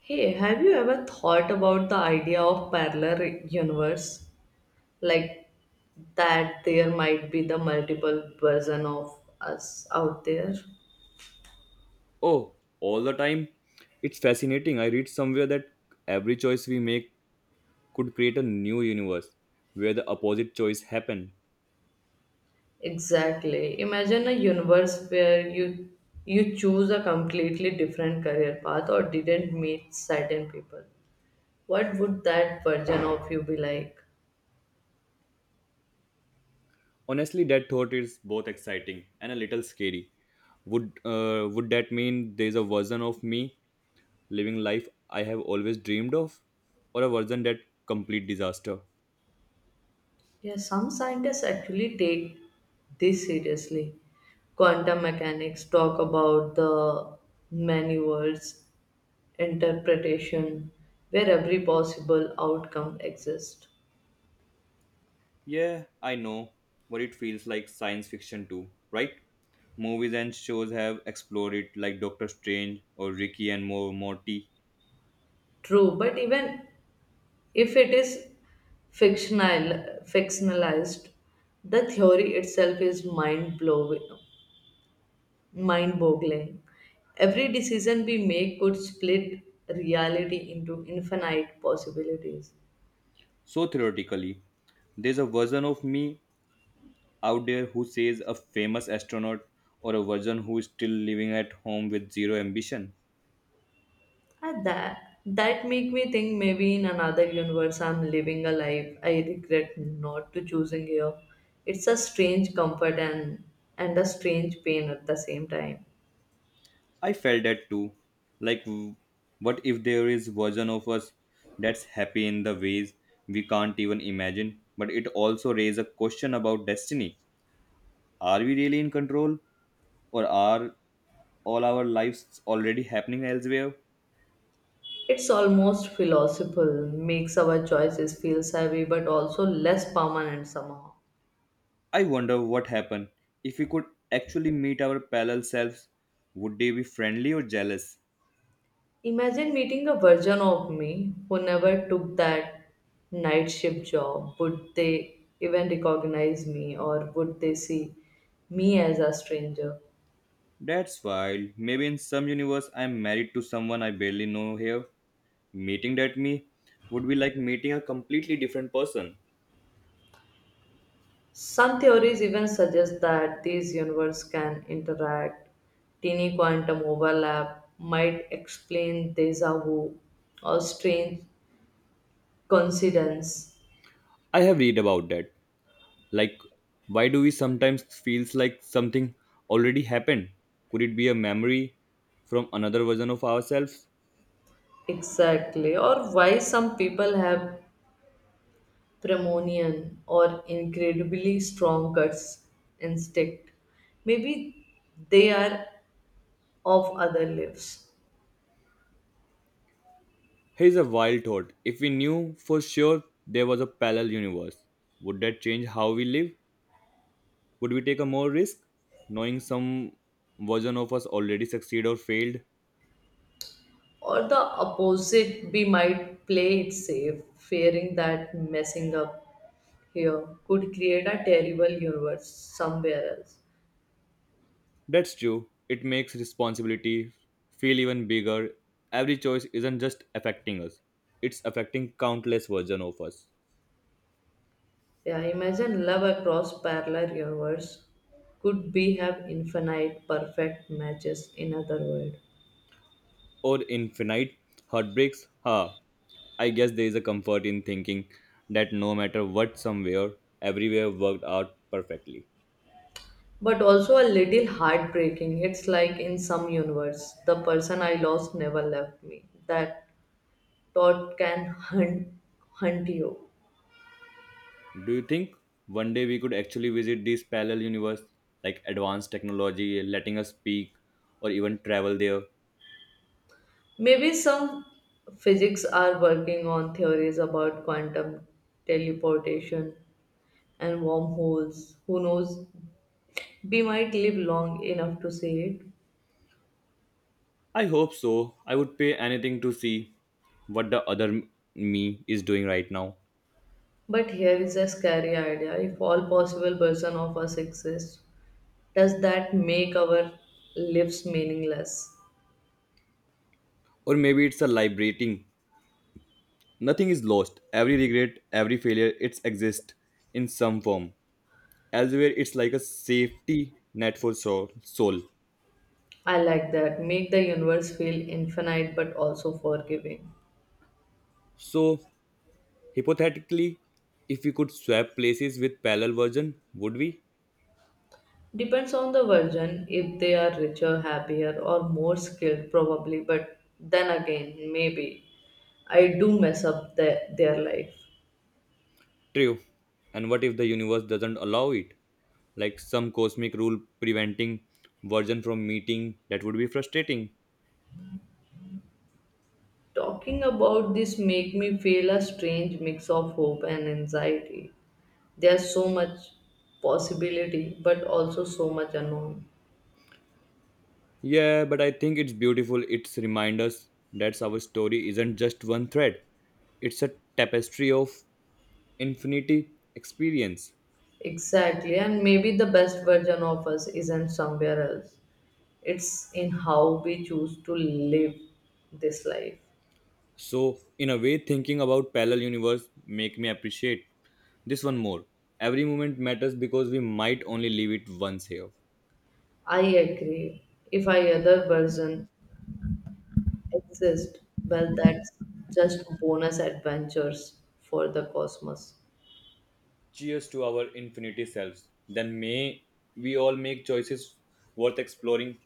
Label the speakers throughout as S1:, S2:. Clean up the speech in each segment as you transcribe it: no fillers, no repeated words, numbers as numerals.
S1: Hey, have you ever thought about the idea of parallel universe? Like that there might be the multiple version of us out there.
S2: Oh, all the time. It's fascinating. I read somewhere that every choice we make could create a new universe where the opposite choice happen.
S1: Exactly. Imagine a universe where you choose a completely different career path or didn't meet certain people. What would that version of you be like?
S2: Honestly, that thought is both exciting and a little scary. Would that mean there's a version of me living life I have always dreamed of, or a version that complete disaster?
S1: Yeah, some scientists actually take this seriously. Quantum mechanics talk about the many worlds interpretation where every possible outcome exists.
S2: Yeah, I know what it feels like science fiction too, right? Movies and shows have explored it, like Doctor Strange or Ricky and Morty.
S1: True, but even if it is fictionalized, the theory itself is mind boggling. Every decision we make could split reality into infinite possibilities.
S2: So theoretically, there's a version of me out there who says a famous astronaut or a version who is still living at home with zero ambition.
S1: At that that make me think maybe in another universe I'm living a life I regret not to choosing here. It's a strange comfort and a strange pain at the same time.
S2: I felt that too. Like what if there is version of us that's happy in the ways we can't even imagine, but it also raises a question about destiny. Are we really in control or are all our lives already happening elsewhere?
S1: It's almost philosophical, makes our choices feel heavy but also less permanent somehow.
S2: I wonder what happened. If we could actually meet our parallel selves, would they be friendly or jealous?
S1: Imagine meeting a version of me who never took that night shift job. Would they even recognize me or would they see me as a stranger?
S2: That's wild. Maybe in some universe I'm married to someone I barely know here. Meeting that me would be like meeting a completely different person.
S1: Some theories even suggest that these universes can interact. Teeny quantum overlap might explain deja vu or strange coincidence.
S2: I have read about that. Like why do we sometimes feels like something already happened? Could it be a memory from another version of ourselves?
S1: Exactly, or why some people have premonition or incredibly strong guts instinct. Maybe they are of other lives.
S2: Here's a wild thought. If we knew for sure there was a parallel universe, would that change how we live? Would we take a more risk? Knowing some version of us already succeed or failed?
S1: Or the opposite, we might play it safe, fearing that messing up here could create a terrible universe somewhere else.
S2: That's true. It makes responsibility feel even bigger. Every choice isn't just affecting us, it's affecting countless versions of us.
S1: Yeah, imagine love across parallel universe could be have infinite perfect matches in other world.
S2: Or infinite heartbreaks. Ha. I guess there is a comfort in thinking that no matter what, somewhere, everywhere worked out perfectly.
S1: But also a little heartbreaking. It's like in some universe, the person I lost never left me. That thought can hunt you.
S2: Do you think one day we could actually visit this parallel universe, like advanced technology letting us speak or even travel there?
S1: Maybe some physics are working on theories about quantum teleportation and wormholes. Who knows? We might live long enough to see it,
S2: I hope so. I would pay anything to see what the other me is doing right now.
S1: but here is a scary idea. If all possible versions of us exist, does that make our lives meaningless?
S2: Or maybe it's a liberating. Nothing is lost. Every regret, every failure, it's exists in some form. Elsewhere, it's like a safety net for soul.
S1: I like that. Make the universe feel infinite but also forgiving.
S2: So, hypothetically, if we could swap places with parallel version, would we?
S1: Depends on the version, if they are richer, happier, or more skilled, probably, but then again, maybe. I do mess up their life.
S2: True. And what if the universe doesn't allow it? Like some cosmic rule preventing version from meeting, that would be frustrating.
S1: Talking about this make me feel a strange mix of hope and anxiety. There's so much possibility but also so much unknown.
S2: Yeah, but I think it's beautiful. It's remind us that our story isn't just one thread. It's a tapestry of infinity experience.
S1: Exactly, and maybe the best version of us isn't somewhere else, it's in how we choose to live this life.
S2: So, in a way, thinking about parallel universe make me appreciate this one more. Every moment matters because we might only live it once here.
S1: I agree. If I other version exist, well that's just bonus adventures for the cosmos.
S2: Cheers to our infinity selves. Then may we all make choices worth exploring.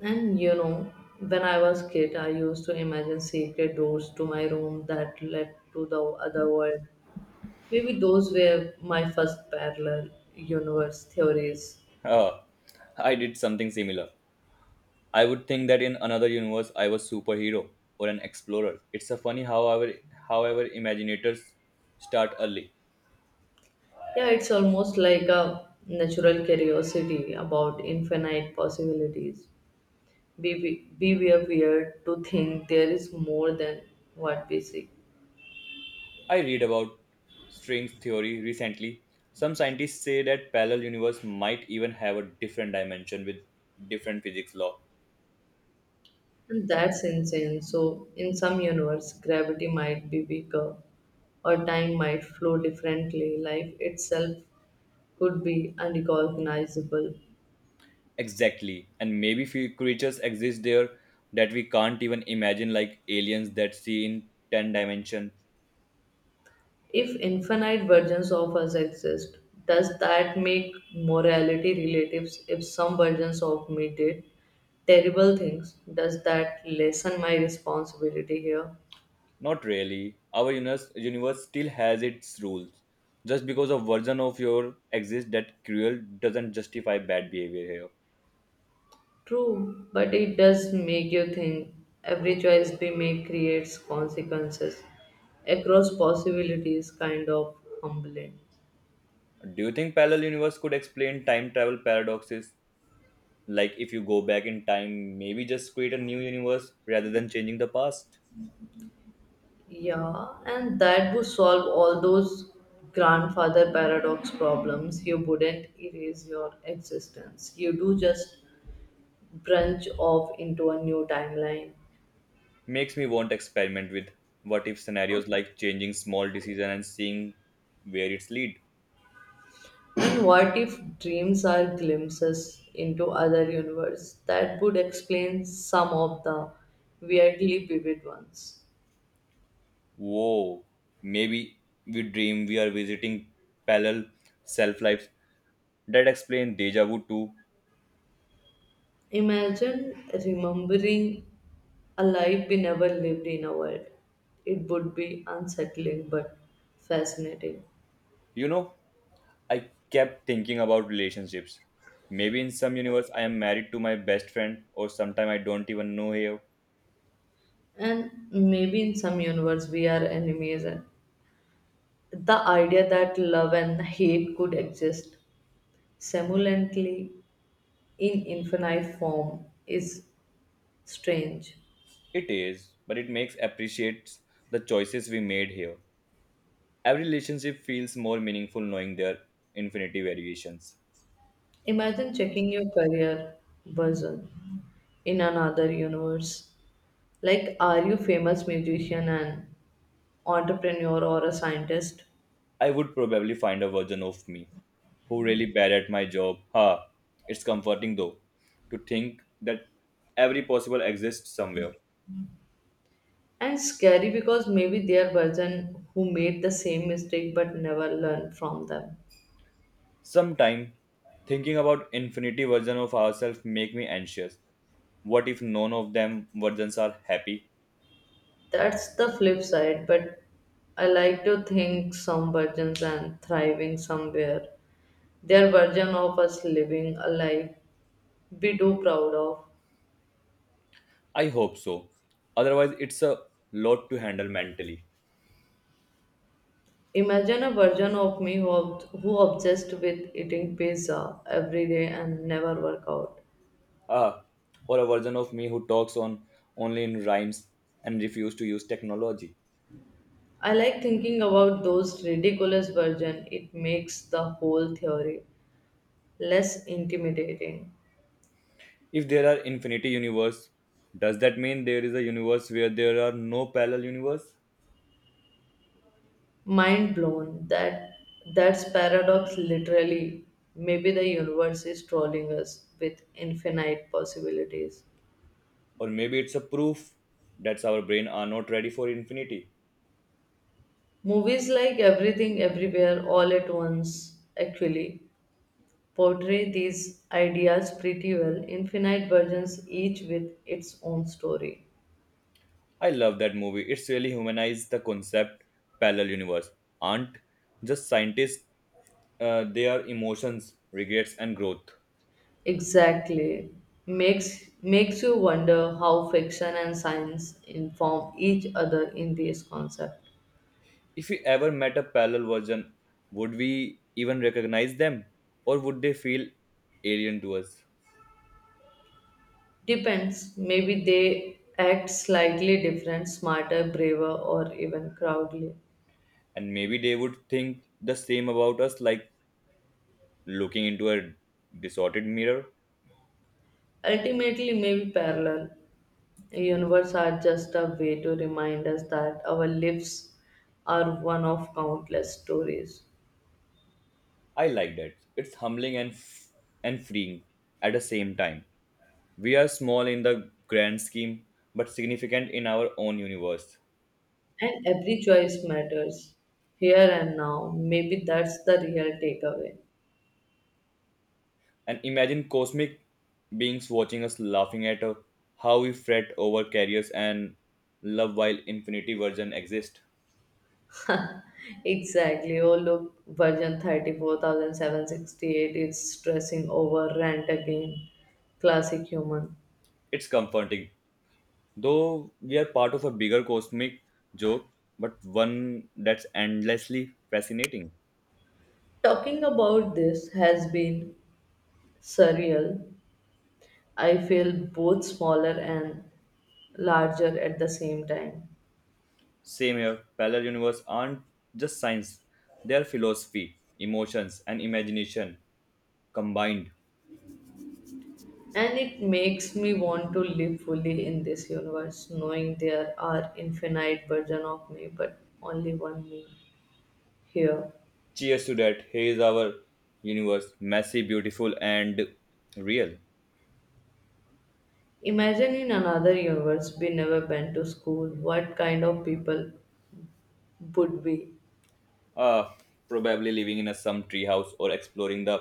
S1: and you know, when I was kid, I used to imagine secret doors to my room that led to the other world. Maybe those were my first parallel universe theories.
S2: Ah, I did something similar. I would think that in another universe I was superhero or an explorer. It's a funny how our however imaginators start early.
S1: Yeah, it's almost like a natural curiosity about infinite possibilities. Be We were weird to think there is more than what we see.
S2: I read about string theory recently. Some scientists say that parallel universe might even have a different dimension with different physics law.
S1: And that's insane. So, in some universe, gravity might be weaker or time might flow differently. Life itself could be unrecognizable.
S2: Exactly. And maybe few creatures exist there that we can't even imagine, like aliens that see in 10 dimension.
S1: If infinite versions of us exist, does that make morality relative? If some versions of me did terrible things, does that lessen my responsibility here?
S2: Not really. Our universe still has its rules. Just because a version of your exists that cruel doesn't justify bad behavior here.
S1: True, but it does make you think every choice we make creates consequences across possibilities, kind of humbling.
S2: Do you think parallel universe could explain time travel paradoxes? Like if you go back in time, maybe just create a new universe rather than changing the past?
S1: Yeah, and that would solve all those grandfather paradox problems. You wouldn't erase your existence. You do just branch off into a new timeline.
S2: Makes me want to experiment with what if scenarios like changing small decision and seeing where it's lead.
S1: And what if dreams are glimpses into other universe? That would explain some of the weirdly vivid ones.
S2: Whoa, maybe we dream we are visiting parallel self lives that explain deja vu too.
S1: Imagine remembering a life we never lived in a world. It would be unsettling but fascinating.
S2: You know, I kept thinking about relationships. Maybe in some universe I am married to my best friend or sometime I don't even know here.
S1: And maybe in some universe we are enemies. And the idea that love and hate could exist simultaneously in infinite form is strange.
S2: It is, but it makes appreciates the choices we made here. Every relationship feels more meaningful knowing their infinity variations.
S1: Imagine checking your career version in another universe. Like, are you famous musician and entrepreneur or a scientist?
S2: I would probably find a version of me who really bad at my job. Ha, it's comforting though to think that every possible exists somewhere.
S1: And scary because maybe their version who made the same mistake but never learned from them.
S2: Sometime thinking about infinity version of ourselves make me anxious. What if none of them versions are happy?
S1: That's the flip side, but I like to think some virgins and thriving somewhere. Their version of us living a life we do proud of.
S2: I hope so. Otherwise, it's a lot to handle mentally.
S1: Imagine a version of me who, who obsessed with eating pizza every day and never work out.
S2: Ah, or a version of me who talks on only in rhymes and refuse to use technology.
S1: I like thinking about those ridiculous version. It makes the whole theory less intimidating.
S2: If there are infinity universe, does that mean there is a universe where there are no parallel universe?
S1: Mind blown that that's paradox literally. Maybe the universe is trolling us with infinite possibilities.
S2: Or maybe it's a proof that our brain are not ready for infinity.
S1: Movies like Everything Everywhere All at Once actually portray these ideas pretty well, infinite versions each with its own story.
S2: I love that movie. It's really humanized the concept parallel universe. Aren't just scientists they are emotions, regrets, and growth.
S1: Exactly, makes you wonder how fiction and science inform each other in this concept.
S2: If we ever met a parallel version, would we even recognize them? Or would they feel alien to us?
S1: Depends. Maybe they act slightly different, smarter, braver, or even crowdly.
S2: And maybe they would think the same about us like looking into a distorted mirror.
S1: Ultimately, maybe parallel universe are just a way to remind us that our lives are one of countless stories,
S2: I like that. It's humbling and freeing at the same time. We are small in the grand scheme, but significant in our own universe.
S1: and every choice matters here and now. Maybe that's the real takeaway.
S2: And imagine cosmic beings watching us laughing at how we fret over careers and love while infinity version exist.
S1: Exactly. Oh, look, version 34,768 is stressing over rent again. Classic human.
S2: It's comforting, though we are part of a bigger cosmic joke, but one that's endlessly fascinating.
S1: Talking about this has been surreal. I feel both smaller and larger at the same time.
S2: Same here, parallel universe aren't just science, they are philosophy, emotions, and imagination combined.
S1: And it makes me want to live fully in this universe, knowing there are infinite version of me, but only one me here.
S2: Cheers to that. Here is our universe, messy, beautiful, and real.
S1: Imagine in another universe we never went to school, what kind of people would we?
S2: Ah, probably living in a some treehouse or exploring the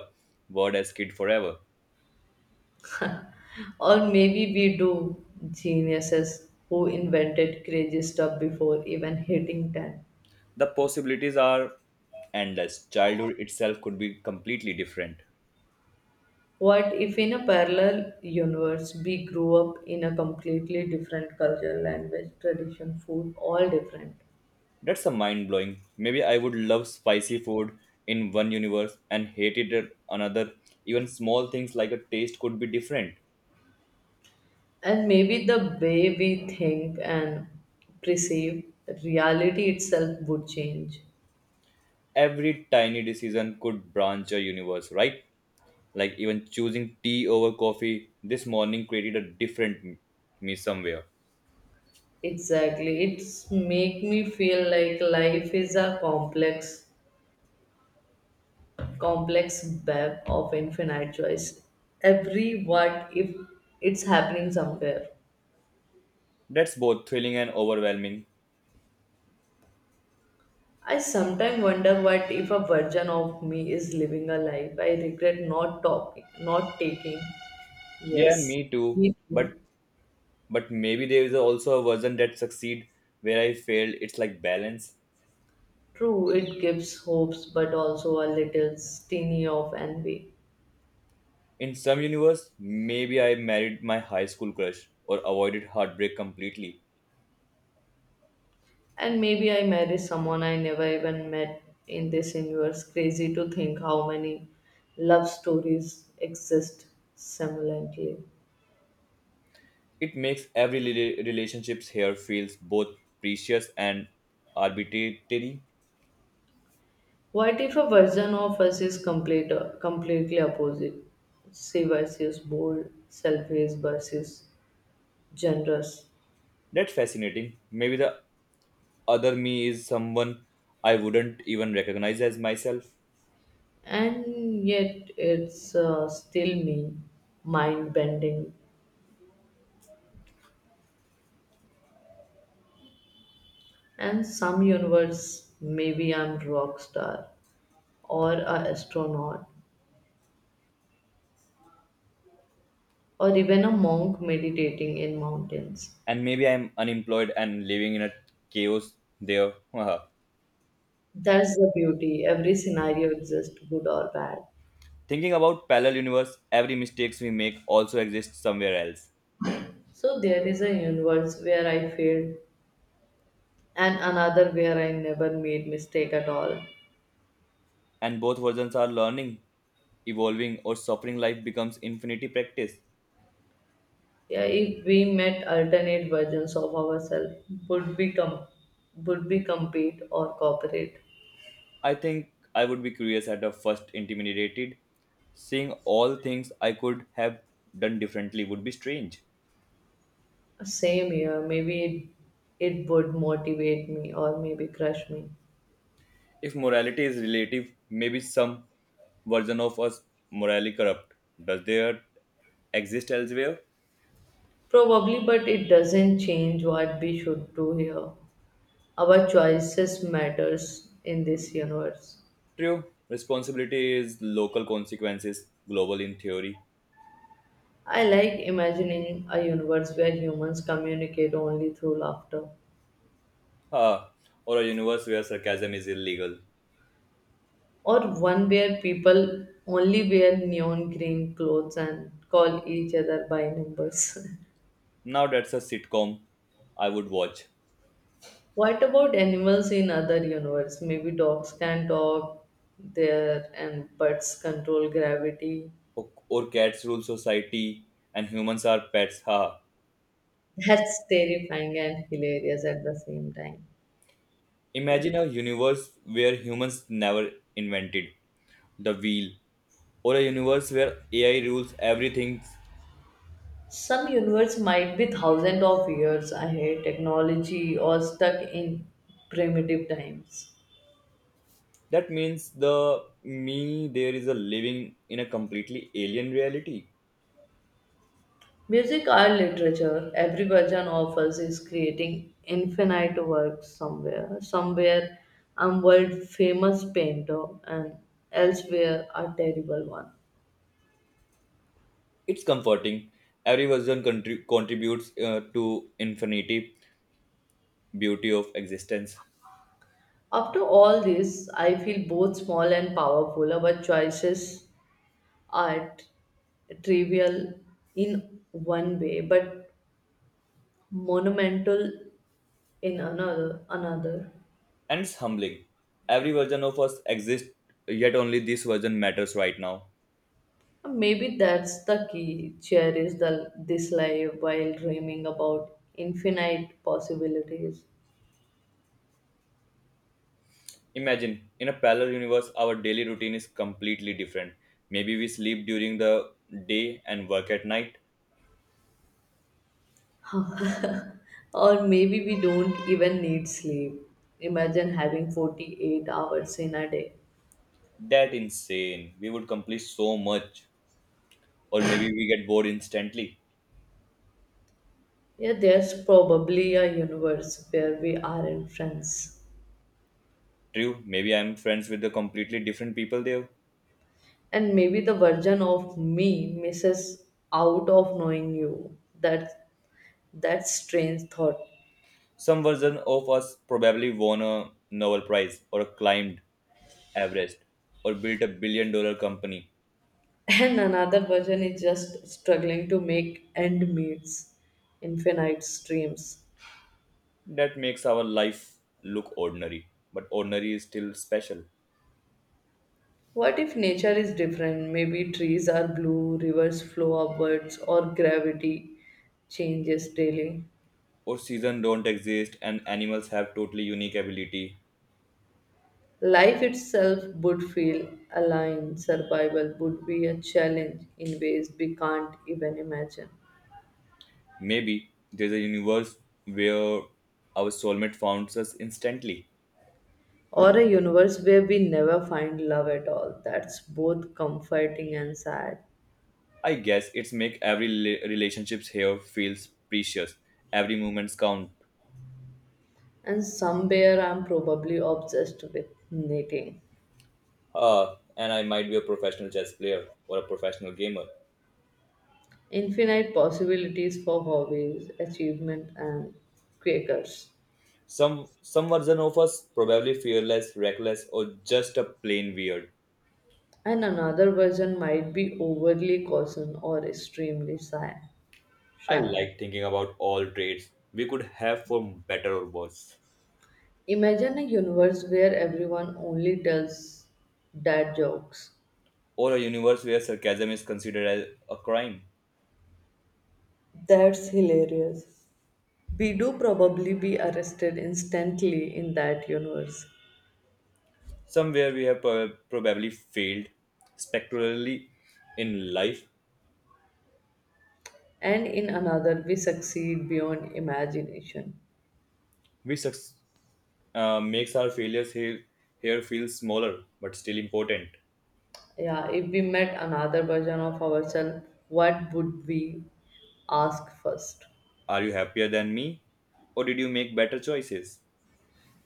S2: world as kid forever.
S1: Or maybe we do geniuses who invented crazy stuff before even hitting 10.
S2: The possibilities are endless. Childhood itself could be completely different.
S1: What if in a parallel universe we grew up in a completely different culture, language, tradition, food, all different?
S2: That's a mind blowing. Maybe I would love spicy food in one universe and hate it at another. Even small things like a taste could be different.
S1: And maybe the way we think and perceive reality itself would change.
S2: Every tiny decision could branch a universe, right? Like even choosing tea over coffee this morning created a different me somewhere.
S1: Exactly. It's make me feel like life is a complex web of infinite choice. Every what if it's happening somewhere.
S2: That's both thrilling and overwhelming.
S1: I sometimes wonder what if a version of me is living a life I regret not taking.
S2: Yeah,
S1: Yes,
S2: me too.
S1: me too.
S2: But but maybe there is also a version that succeed where I failed. It's like balance.
S1: True, it gives hopes, but also a little stingy of envy.
S2: In some universe, maybe I married my high school crush or avoided heartbreak completely.
S1: And maybe I marry someone I never even met in this universe. Crazy to think how many love stories exist simultaneously.
S2: It makes every relationships here feels both precious and arbitrary.
S1: What if a version of us is completely opposite? Say versus bold, selfish versus generous,
S2: That's fascinating. Maybe the other me is someone I wouldn't even recognize as myself.
S1: and yet it's still me, mind bending. And some universe, maybe I'm rock star, or a astronaut, or even a monk meditating in mountains.
S2: And maybe I'm unemployed and living in a chaos there.
S1: That's the beauty. Every scenario exists, good or bad.
S2: Thinking about parallel universe, every mistakes we make also exists somewhere else.
S1: So there is a universe where I failed and another where I never made mistake at all.
S2: And both versions are learning, evolving, or suffering. Life becomes infinity practice.
S1: Yeah, if we met alternate versions of ourselves, would we com- would be compete or cooperate?
S2: I think I would be curious at the first, intimidated. Seeing all things I could have done differently would be strange.
S1: Same here, maybe it would motivate me or maybe crush me.
S2: If morality is relative, maybe some version of us morally corrupt. Does there exist elsewhere?
S1: Probably, but it doesn't change what we should do here. Our choices matters in this universe.
S2: True, responsibility is local consequences, global in theory.
S1: I like imagining a universe where humans communicate only through laughter.
S2: Ah, or a universe where sarcasm is illegal.
S1: Or one where people only wear neon green clothes and call each other by numbers.
S2: Now that's a sitcom I would watch.
S1: What about animals in other universe? Maybe dogs can talk there and birds control gravity.
S2: Or cats rule society and humans are pets. Ha.
S1: That's terrifying and hilarious at the same time.
S2: Imagine a universe where humans never invented the wheel, or a universe where AI rules everything.
S1: Some universe might be thousands of years ahead technology or stuck in primitive times.
S2: That means the me there is a living in a completely alien reality.
S1: Music, art, literature, every version of us is creating infinite works somewhere. Somewhere, I'm world famous painter, and elsewhere, a terrible one.
S2: It's comforting. Every version contributes to infinity beauty of existence.
S1: After all this, I feel both small and powerful. Our choices are trivial in one way, but monumental in another.
S2: And it's humbling. Every version of us exists, yet only this version matters right now.
S1: Maybe that's the key. Cherish this life while dreaming about infinite possibilities.
S2: Imagine, in a parallel universe, our daily routine is completely different. Maybe we sleep during the day and work at night.
S1: Or maybe we don't even need sleep. Imagine having 48 hours in a day.
S2: That insane. We would complete so much. Or maybe we get bored instantly.
S1: Yeah, there's probably a universe where we aren't friends.
S2: True, maybe I'm friends with the completely different people there.
S1: And maybe the version of me misses out of knowing you. That's strange thought.
S2: Some version of us probably won a Nobel Prize or climbed Everest or built a billion dollar company
S1: And another version is just struggling to make end meets, infinite streams.
S2: that makes our life look ordinary but ordinary is still special
S1: What if nature is different? Maybe trees are blue, rivers flow upwards, or gravity changes daily.
S2: or season don't exist and animals have totally unique ability
S1: Life itself would feel aligned, survival would be a challenge in ways we can't even imagine.
S2: maybe there's a universe where our soulmate finds us instantly
S1: Or a universe where we never find love at all. That's both comforting and sad.
S2: I guess it's make every relationships here feels precious every moments count
S1: And somewhere I'm probably obsessed with knitting.
S2: and I might be a professional chess player or a professional gamer
S1: Infinite possibilities for hobbies, achievement, and quakers.
S2: some version of us probably fearless reckless or just a plain weird
S1: And another version might be overly caution or extremely shy.
S2: I
S1: shy.
S2: like thinking about all traits we could have for better or worse.
S1: Imagine a universe where everyone only tells dad jokes.
S2: Or a universe where sarcasm is considered as a crime.
S1: That's hilarious. We do probably be arrested instantly in that universe,
S2: Somewhere we have probably failed spectacularly in life,
S1: and in another, we succeed beyond imagination.
S2: which makes our failures here feel smaller but still important.
S1: Yeah, if we met another version of ourselves, what would we ask first?
S2: Are you happier than me? Or did you make better choices?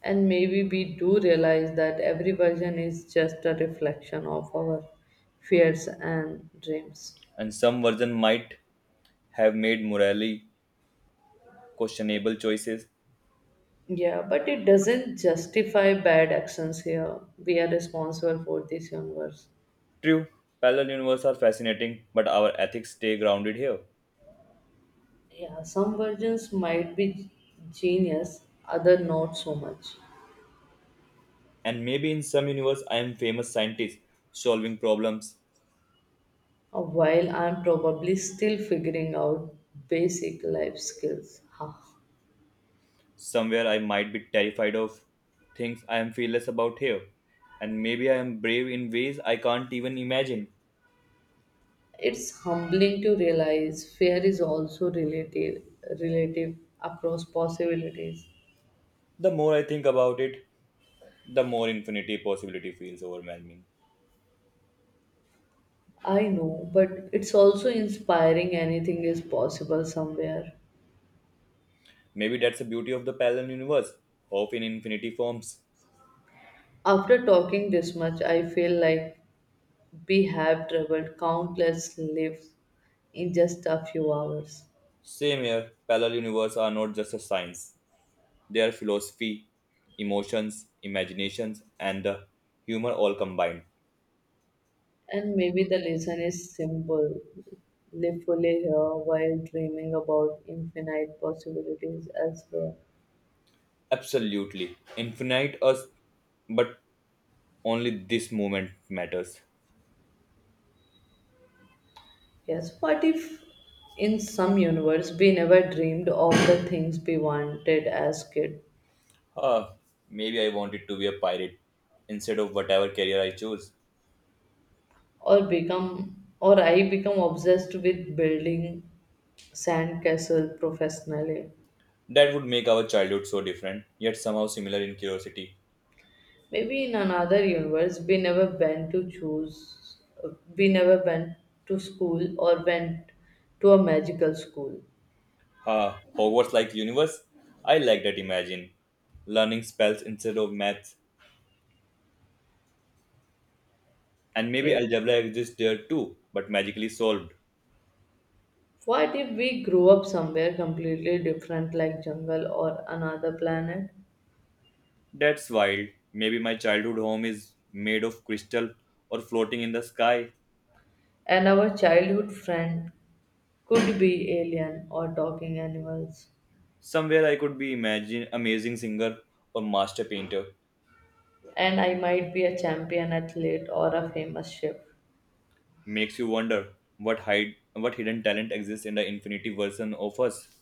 S1: And maybe we do realize that every version is just a reflection of our fears and dreams.
S2: And some version might have made morally questionable choices.
S1: Yeah, but it doesn't justify bad actions here. We are responsible for this universe.
S2: True, parallel universes are fascinating, but our ethics stay grounded here.
S1: Yeah, some versions might be genius, other not so much.
S2: And maybe in some universe I am famous scientist solving problems.
S1: While I'm probably still figuring out basic life skills. Ha.
S2: Somewhere I might be terrified of things I am fearless about here. And maybe I am brave in ways I can't even imagine.
S1: It's humbling to realize fear is also relative across possibilities.
S2: The more I think about it, the more infinity possibility feels overwhelming.
S1: I know, but it's also inspiring anything is possible somewhere.
S2: Maybe that's the beauty of the parallel universe. Hope in infinity forms.
S1: After talking this much, I feel like we have traveled countless lives in just a few hours.
S2: Same here, parallel universe are not just a science. Their philosophy, emotions, imaginations, and the humor all combined.
S1: And maybe the lesson is simple. Live fully here while dreaming about infinite possibilities elsewhere.
S2: Absolutely. Infinite us, but only this moment matters.
S1: Yes, what if in some universe we never dreamed of the things we wanted as kid
S2: Ah, maybe I wanted to be a pirate instead of whatever career I choose.
S1: or become or I become obsessed with building sandcastle professionally.
S2: That would make our childhood so different, yet somehow similar in curiosity.
S1: Maybe in another universe we never went to school or went to a magical school.
S2: Ha, Hogwarts like universe? I like that imagine. Learning spells instead of maths. And maybe
S1: Yes.
S2: algebra exists there too, but magically solved.
S1: What if we grew up somewhere completely different like jungle or another planet?
S2: That's wild. Maybe my childhood home is made of crystal or floating in the sky.
S1: And our childhood friend could be alien or talking animals.
S2: Somewhere I could be imagine amazing singer or master painter.
S1: And I might be a champion athlete or a famous chef.
S2: Makes you wonder what hide what hidden talent exists in the infinity version of us.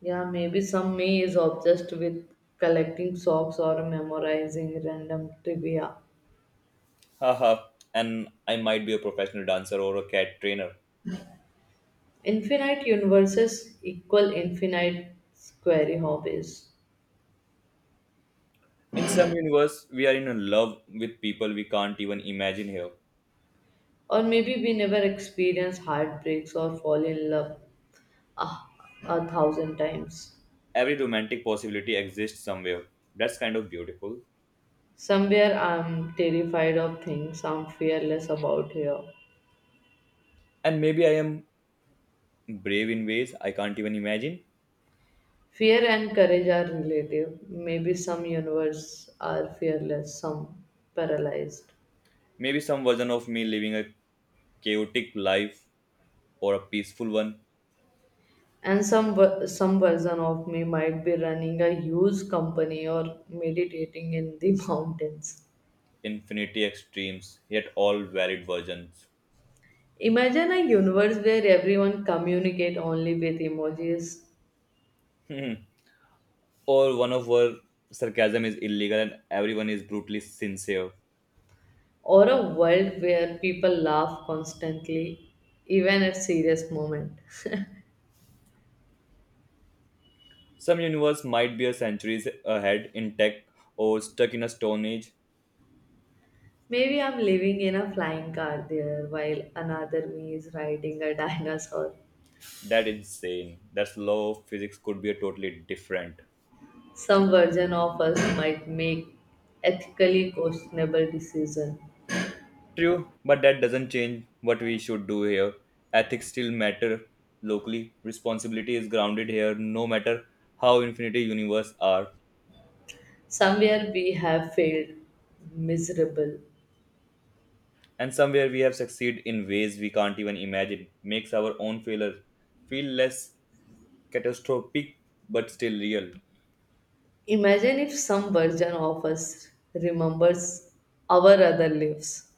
S1: Yeah, maybe some me is obsessed with collecting socks or memorizing random trivia.
S2: Haha. And I might be a professional dancer or a cat trainer.
S1: Infinite universes equal infinite query hobbies.
S2: In some universe, we are in love with people we can't even imagine here.
S1: Or maybe we never experience heartbreaks or fall in love a, 1,000 times.
S2: Every romantic possibility exists somewhere. That's kind of beautiful.
S1: Somewhere I'm terrified of things I'm fearless about here.
S2: And maybe I am brave in ways I can't even imagine.
S1: Fear and courage are relative. Maybe some universe are fearless, some paralyzed.
S2: Maybe some version of me living a chaotic life or a peaceful one,
S1: And some version of me might be running a huge company or meditating in the mountains.
S2: infinity extremes, yet all valid versions.
S1: Imagine a universe where everyone communicate only with emojis
S2: Or one of where sarcasm is illegal and everyone is brutally sincere.
S1: or a world where people laugh constantly even at serious moment.
S2: Some universe might be a centuries ahead intact or stuck in a stone age.
S1: Maybe I'm living in a flying car there while another me is riding a dinosaur.
S2: That is insane. That's law of physics could be a totally different.
S1: Some version of us might make ethically questionable decisions.
S2: True, but that doesn't change what we should do here. Ethics still matter locally. Responsibility is grounded here no matter how infinity universe are.
S1: Somewhere we have failed miserable.
S2: And somewhere we have succeeded in ways we can't even imagine. Makes our own failure feel less catastrophic but still real.
S1: Imagine if some version of us remembers our other lives.